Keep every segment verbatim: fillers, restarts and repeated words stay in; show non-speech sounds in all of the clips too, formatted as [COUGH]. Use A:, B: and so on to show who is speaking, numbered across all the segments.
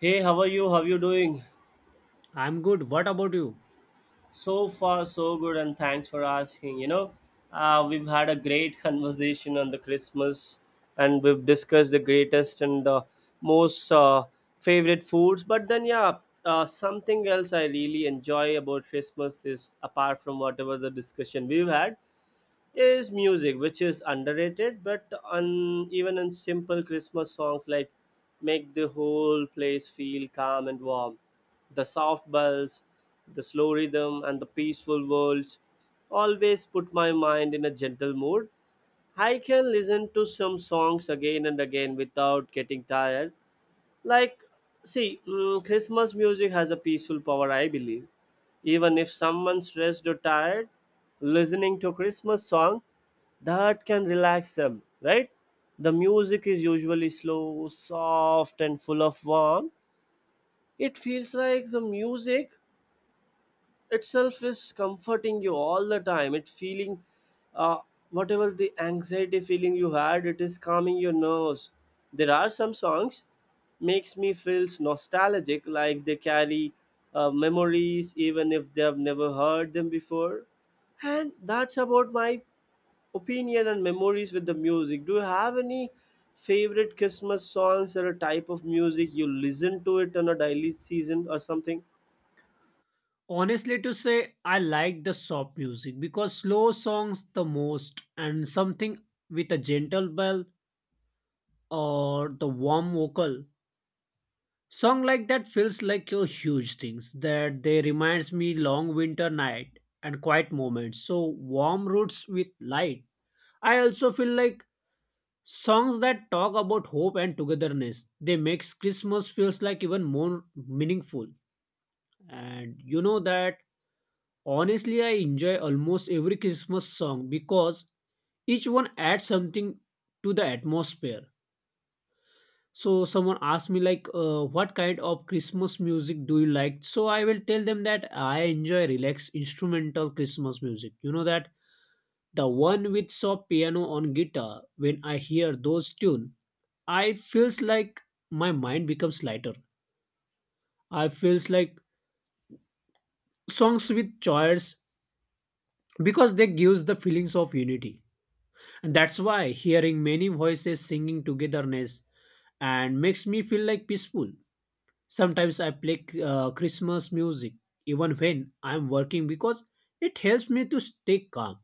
A: Hey, how are you? How you doing?
B: I'm good. What about you?
A: So far, so good, and thanks for asking. You know, uh, we've had a great [LAUGHS] conversation on the Christmas, and we've discussed the greatest and uh, most uh, favorite foods. But then, yeah, uh, something else I really enjoy about Christmas, is apart from whatever the discussion we've had, is music, which is underrated, but on even in simple Christmas songs like make the whole place feel calm and warm. The soft bells, the slow rhythm, and the peaceful words always put my mind in a gentle mood. I can listen to some songs again and again without getting tired like, see, mm, Christmas music has a peaceful power, I believe. Even if someone's stressed or tired, listening to Christmas song that can relax them, right? The music is usually slow, soft, and full of warmth. It feels like the music itself is comforting you all the time it feeling uh, whatever the anxiety feeling you had it is calming your nerves. There are some songs makes me feels nostalgic like they carry uh, memories even if they have never heard them before. And that's about my opinion and memories with the music. Do you have any favorite Christmas songs or a type of music you listen to it on a daily season or something?
B: Honestly, to say, I like the soft music because slow songs the most, and something with a gentle bell or the warm vocal. Song like that feels like your huge things that they reminds me long winter night and quiet moments. So warm roots with light. I also feel like songs that talk about hope and togetherness. They makes Christmas feels like even more meaningful. And you know that honestly, I enjoy almost every Christmas song because each one adds something to the atmosphere. So someone asked me like, uh, "What kind of Christmas music do you like?" So I will tell them that I enjoy relaxed instrumental Christmas music. You know that the one with soft piano on guitar. When I hear those tune, I feels like my mind becomes lighter. I feels like songs with choirs because they gives the feelings of unity. And that's why hearing many voices singing togetherness and makes me feel like peaceful. Sometimes I play uh, Christmas music even when I'm working because it helps me to stay calm.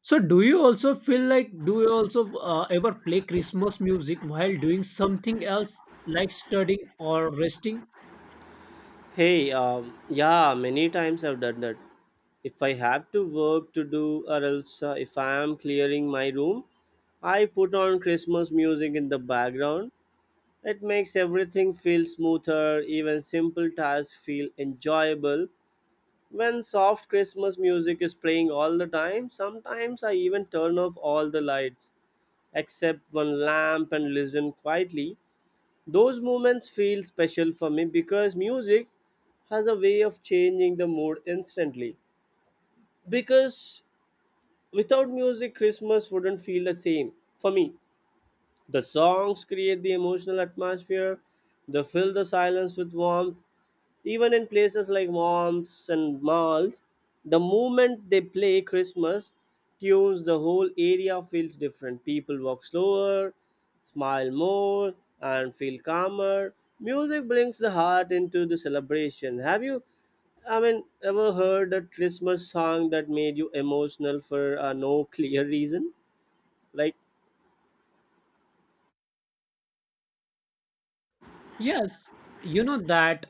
B: So do you also feel like, do you also uh, ever play Christmas music while doing something else like studying or resting?
A: Hey, um, yeah, many times I've done that. If I have to work to do, or else uh, if I am clearing my room, I put on Christmas music in the background. It makes everything feel smoother, even simple tasks feel enjoyable. When soft Christmas music is playing all the time, sometimes I even turn off all the lights except one lamp and listen quietly. Those moments feel special for me because music has a way of changing the mood instantly. Because without music, Christmas wouldn't feel the same for me. The songs create the emotional atmosphere, they fill the silence with warmth, even in places like moms and malls, the moment they play Christmas tunes, the whole area feels different. People walk slower, smile more, and feel calmer. Music brings the heart into the celebration. Have you, I mean, ever heard a Christmas song that made you emotional for uh, no [LAUGHS] clear reason? Like,
B: Yes, you know that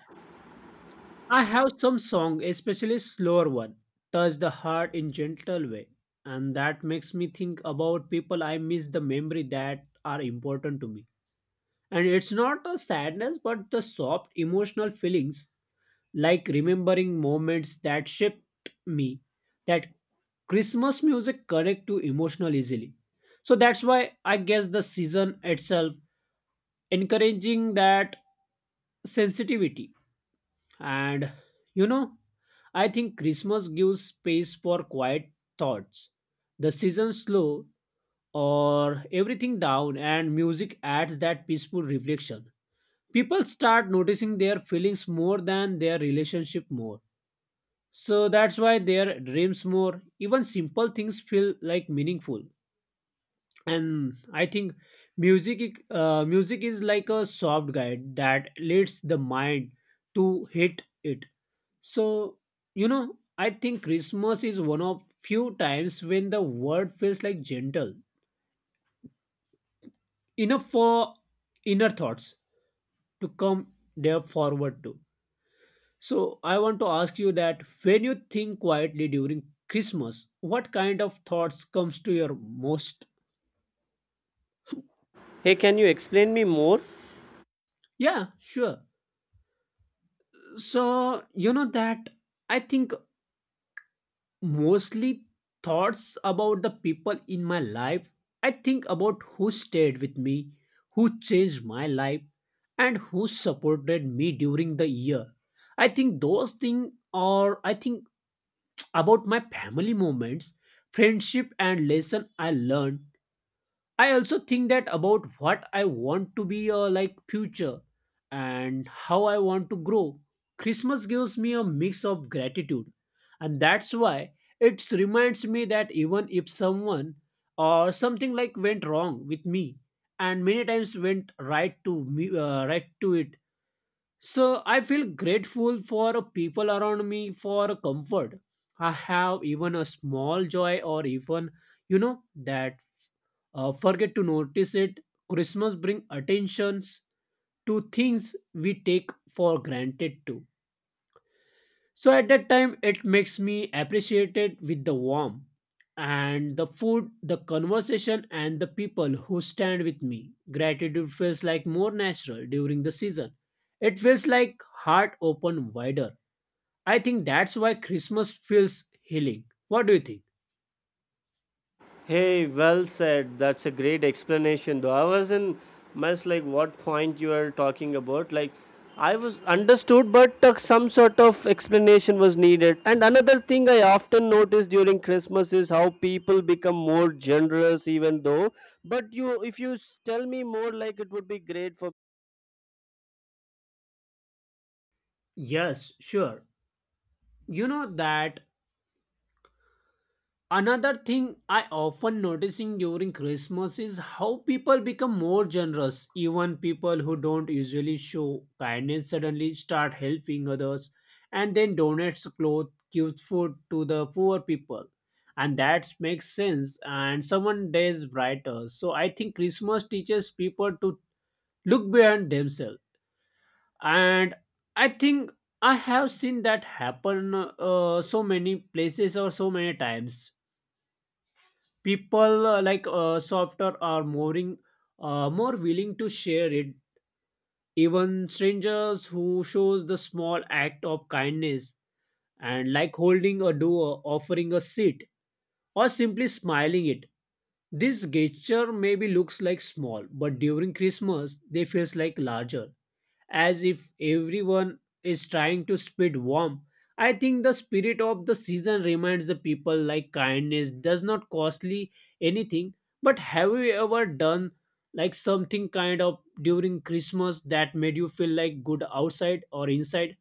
B: I have some song, especially slower one, touch the heart in gentle way, and that makes me think about people I miss, the memory that are important to me. And it's not a sadness, but the soft emotional feelings, like remembering moments that shaped me, that Christmas music connect to emotional easily. So that's why I guess the season itself encouraging that sensitivity and, you know, I think Christmas gives space for quiet thoughts. The season slow or everything down and music adds that peaceful reflection. People start noticing their feelings more than their relationship more. So that's why their dreams more, even simple things feel like meaningful. And I think music i- uh, music is like a soft guide that leads the mind to hit it. So you know, I think Christmas is one of few times when the word feels like gentle enough for inner thoughts to come there forward to. So I want to ask you that when you think quietly during Christmas, what kind of thoughts comes to your most?
A: hey, can you explain me more?
B: Yeah, sure. So you know that I think mostly thoughts about the people in my life. I think about who stayed with me, who changed my life, and who supported me during the year. I think those things are, I think about my family moments, friendship and lesson I learned. I also think that about what I want to be, uh, like future, and how I want to grow. Christmas gives me a mix of gratitude, and that's why it reminds me that even if someone or something like went wrong with me, and many times went right to me, uh, right to it. So I feel grateful for people around me for comfort. I have even a small joy or even, you know that, uh, forget to notice it. Christmas bring attentions to things we take for granted too. So at that time, it makes me appreciate it with the warmth and the food, the conversation, and the people who stand with me. Gratitude feels like more natural during the season. It feels like heart open wider. I think that's why Christmas feels healing. What do you think?
A: Hey, well said. That's a great explanation. Though I was in mess like what point you are talking about. Like I was understood, but uh, some sort of explanation was needed. And another thing I often notice during Christmas is how people become more generous, even though. But you, if you s- tell me more, like it would be great for.
B: Yes, sure. You know that another thing I often noticing during Christmas is how people become more generous. Even people who don't usually show kindness suddenly start helping others and then donates clothes, gives food to the poor people. And that makes sense and someone days brighter. So I think Christmas teaches people to look beyond themselves. And I think I have seen that happen, uh, so many places or so many times, people, uh, like uh, softer are more in- uh, more willing to share it, even strangers who shows the small act of kindness, and like holding a door, offering a seat, or simply smiling it. This gesture maybe looks like small, but during Christmas they feels like larger, as if everyone is trying to spread warmth. I think the spirit of the season reminds the people like kindness does not costly anything. But have you ever done like something kind of during Christmas that made you feel like good outside or inside?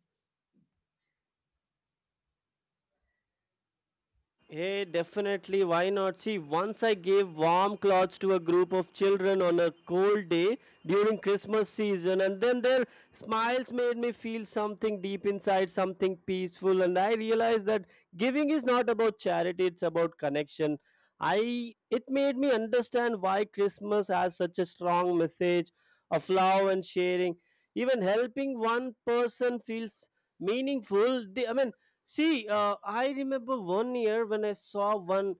A: Hey, definitely. Why not? See, once I gave warm clothes to a group of children on a cold day during Christmas season, and then their smiles made me feel something deep inside, something peaceful. And I realized that giving is not about charity, it's about connection. I It made me understand why Christmas has such a strong message of love and sharing. Even helping one person feels meaningful. The- I mean, See, uh, I remember one year when I saw one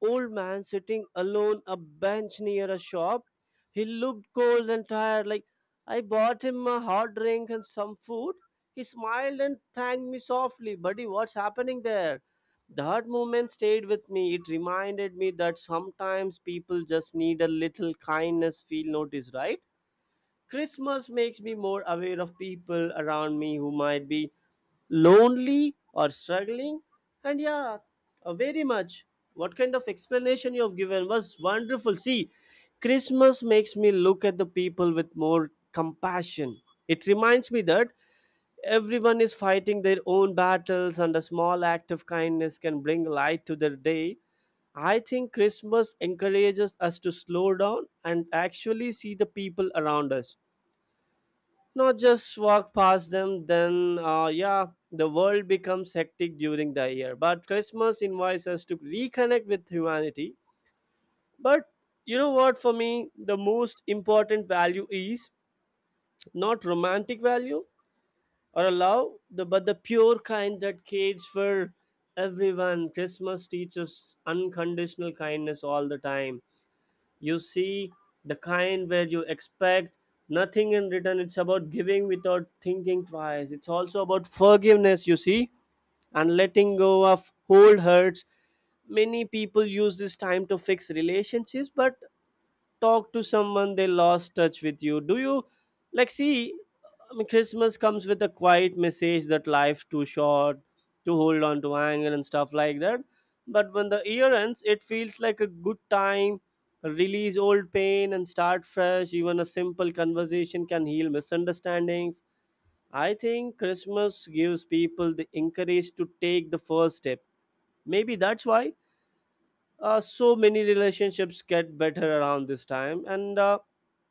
A: old man sitting alone a bench near a shop. He looked cold and tired. Like I bought him a hot drink and some food. He smiled and thanked me softly. Buddy, what's happening there? That moment stayed with me. It reminded me that sometimes people just need a little kindness, feel noticed, right? Christmas makes me more aware of people around me who might be lonely or struggling. And yeah, uh, very much, what kind of explanation you have given was wonderful. See, Christmas makes me look at the people with more compassion. It reminds me that everyone is fighting their own battles and a small act of kindness can bring light to their day. I think Christmas encourages us to slow down and actually see the people around us, not just walk past them. Then uh, yeah, the world becomes hectic during the year but Christmas invites us to reconnect with humanity. But you know what, for me the most important value is not romantic value or a love the, but the pure kind that cares for everyone. Christmas teaches unconditional kindness all the time, you see, the kind where you expect nothing in return. It's about giving without thinking twice. It's also about forgiveness, you see, and letting go of old hurts. Many people use this time to fix relationships, but talk to someone they lost touch with. You do you like see, I mean, Christmas comes with a quiet message that life too short to hold on to anger and stuff like that. But when the year ends it feels like a good time release old pain and start fresh. Even a simple conversation can heal misunderstandings. I think Christmas gives people the encourage to take the first step. Maybe that's why uh, so many relationships get better around this time. And uh,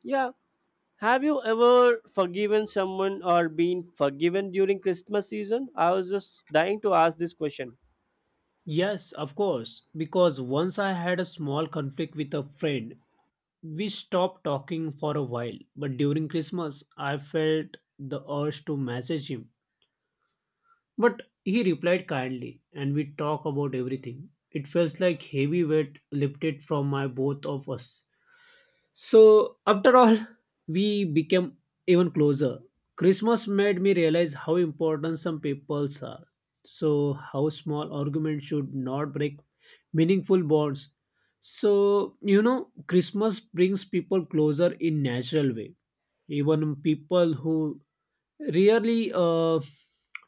A: yeah, have you ever forgiven someone or been forgiven during Christmas season? I was just dying to ask this question.
B: Yes, of course. Because once I had a small conflict with a friend. We stopped talking for a while, but during Christmas, I felt the urge to message him. But he replied kindly, and we talked about everything. It felt like heavy weight lifted from my both of us. So, after all, [LAUGHS] we became even closer. Christmas made me realize how important some peoples are. So, how small arguments should not break meaningful bonds. So, you know, Christmas brings people closer in natural way. Even people who rarely uh,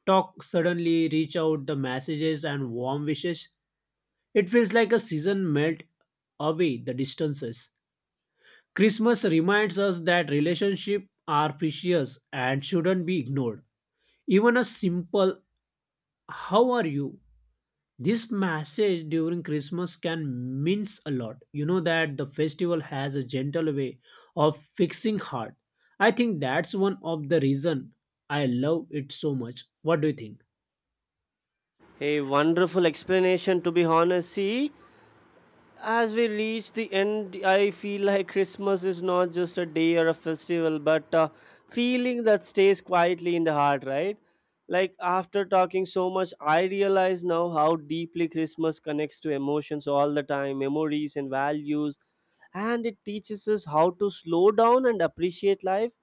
B: talk suddenly reach out the messages and warm wishes. It feels like a season melt away the distances. Christmas reminds us that relationships are precious and shouldn't be ignored. Even a simple how are you? This message during Christmas can means a lot. You know that the festival has a gentle way of fixing heart. I think that's one of the reason I love it so much. What do you think?
A: A wonderful explanation, to be honest. See, as we reach the end, I feel like Christmas is not just a day or a festival, but a feeling that stays quietly in the heart, right? Like after talking so much, I realize now how deeply Christmas connects to emotions all the time, memories and values, and it teaches us how to slow down and appreciate life.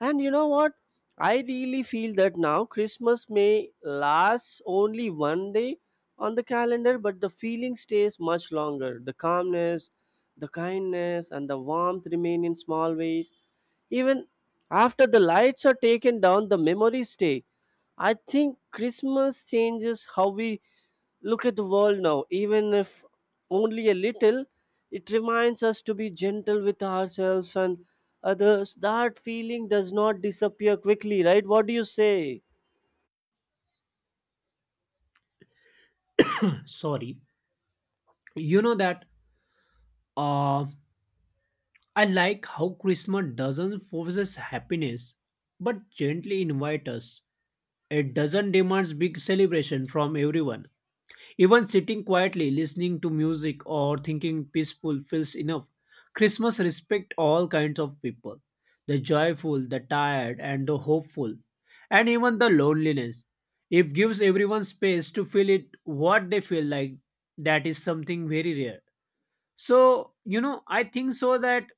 A: And you know what? I really feel that now Christmas may last only one day, on the calendar, but the feeling stays much longer. The calmness, the kindness, and the warmth remain in small ways. Even after the lights are taken down, the memories stay. I think Christmas changes how we look at the world now, even if only a little. It reminds us to be gentle with ourselves and others. That feeling does not disappear quickly, right? What do you say?
B: Sorry. You know that uh I like how Christmas doesn't force us happiness but gently invite us. It doesn't demand big celebration from everyone. Even sitting quietly, listening to music, or thinking peaceful feels enough. Christmas respects all kinds of people, the joyful, the tired, and the hopeful, and even the loneliness. It gives everyone space to feel it what they feel like. That is something very rare. So, you know, I think so that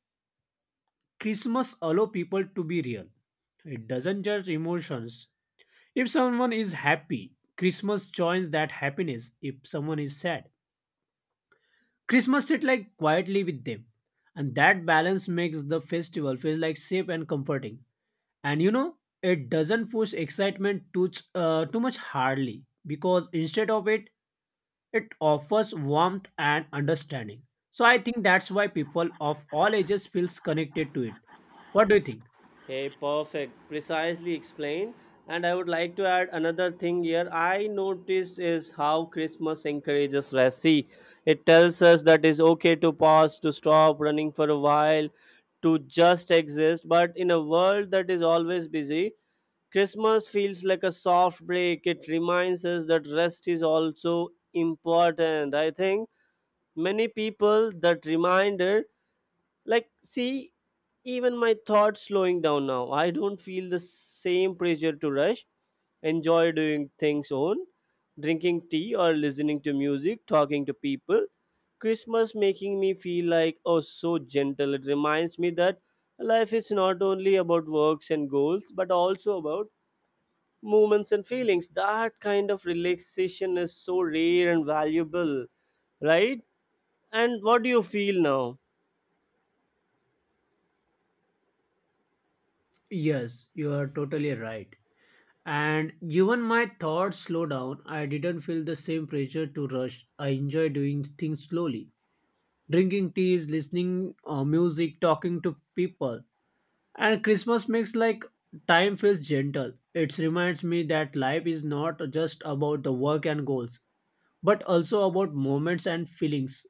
B: Christmas allow people to be real. It doesn't judge emotions. If someone is happy, Christmas joins that happiness. If someone is sad, Christmas sits like quietly with them. And that balance makes the festival feel like safe and comforting. And you know, it doesn't push excitement too, ch- uh, too much hardly, because instead of it, it offers warmth and understanding. So I think that's why people of all ages feels connected to it. What do you think?
A: Hey, perfect. Precisely explained. And I would like to add another thing here. I noticed is how Christmas encourages rest. See, it tells us that it's okay to pause, to stop running for a while, to just exist. But in a world that is always busy, Christmas feels like a soft break. It reminds us that rest is also important. I think many people that reminder like, see, even my thoughts slowing down now. I don't feel the same pressure to rush. Enjoy doing things own, drinking tea or listening to music, talking to people. Christmas making me feel like oh so gentle. It reminds me that life is not only about works and goals, but also about moments and feelings. That kind of relaxation is so rare and valuable, right? And what do you feel now?
B: Yes, you are totally right. And even my thoughts slowed down. I didn't feel the same pressure to rush. I enjoy doing things slowly. Drinking teas, listening uh, music, talking to people. And Christmas makes like time feels gentle. It reminds me that life is not just about the work and goals, but also about moments and feelings.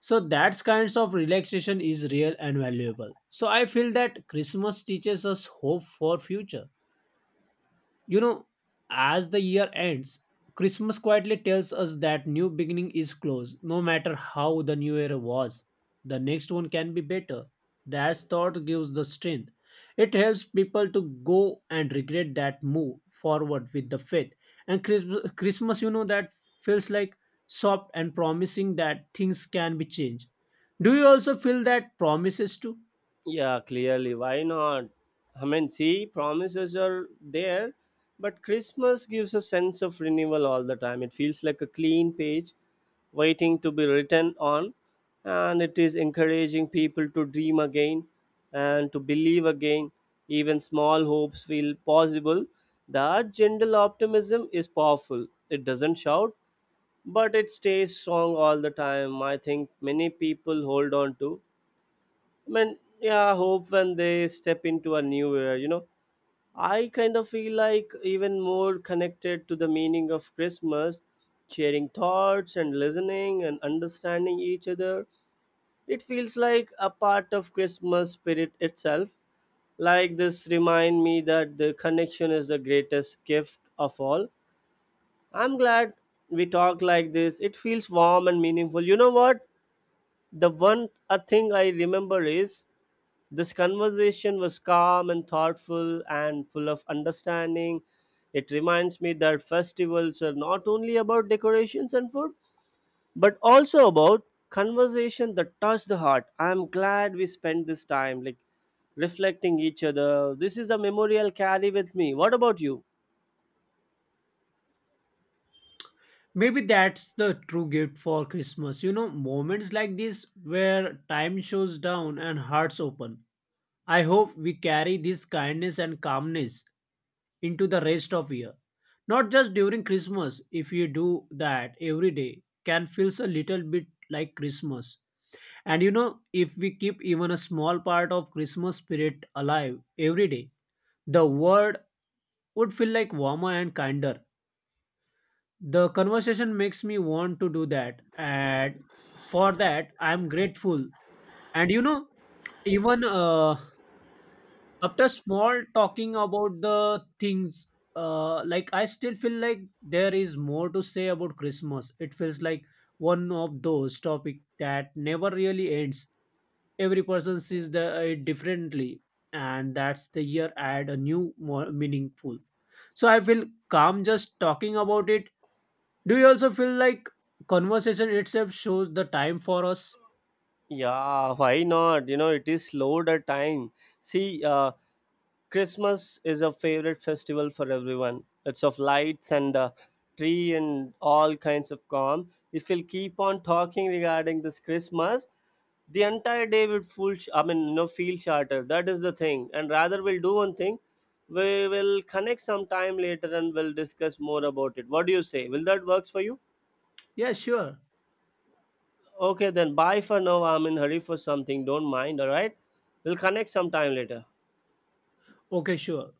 B: So that kinds of relaxation is real and valuable. So I feel that Christmas teaches us hope for future. You know, as the year ends, Christmas quietly tells us that new beginning is close. No matter how the new year was, the next one can be better. That thought gives the strength. It helps people to go and regret that move forward with the faith. And Christ- Christmas, you know, that feels like soft and promising that things can be changed. Do you also feel that promises too?
A: Yeah, clearly. Why not? I mean, see, promises are there, but Christmas gives a sense of renewal all the time. It feels like a clean page waiting to be written on, and it is encouraging people to dream again and to believe again. Even small hopes feel possible. That gentle optimism is powerful. It doesn't shout, but it stays strong all the time. I think many people hold on to. I mean, yeah, I hope when they step into a new year, you know, I kind of feel like even more connected to the meaning of Christmas, sharing thoughts and listening and understanding each other. It feels like a part of Christmas spirit itself. Like this remind me that the connection is the greatest gift of all. I'm glad we talk like this. It feels warm and meaningful. You know what? The one a thing I remember is this conversation was calm and thoughtful and full of understanding. It reminds me that festivals are not only about decorations and food, but also about conversation that touch the heart. I'm glad we spent this time like reflecting each other. This is a memory I'll carry with me. What about you?
B: Maybe that's the true gift for Christmas. You know, moments like this where time shows down and hearts open. I hope we carry this kindness and calmness into the rest of year. Not just during Christmas. If you do that every day, can feels a little bit like Christmas. And you know, if we keep even a small part of Christmas spirit alive every day, the world would feel like warmer and kinder. The conversation makes me want to do that, and for that, I'm grateful. And you know, even uh, after small talking about the things, uh, like I still feel like there is more to say about Christmas. It feels like one of those topic that never really ends. Every person sees the, uh, it differently, and that's the year add a new more meaningful. So I feel calm just talking about it. Do you also feel like conversation itself shows the time for us?
A: Yeah, why not? You know, it is slowed at time. See, uh, Christmas is a favorite festival for everyone. It's of lights and a tree and all kinds of calm. If we'll keep on talking regarding this Christmas, the entire day would full. Sh- I mean, you know, feel shorter. That is the thing. And rather, we'll do one thing. We will connect some time later and we'll discuss more about it. What do you say? Will that works for you?
B: Yeah, sure.
A: Okay, then bye for now. I'm in hurry for something. Don't mind. All right. We'll connect some time later.
B: Okay, sure.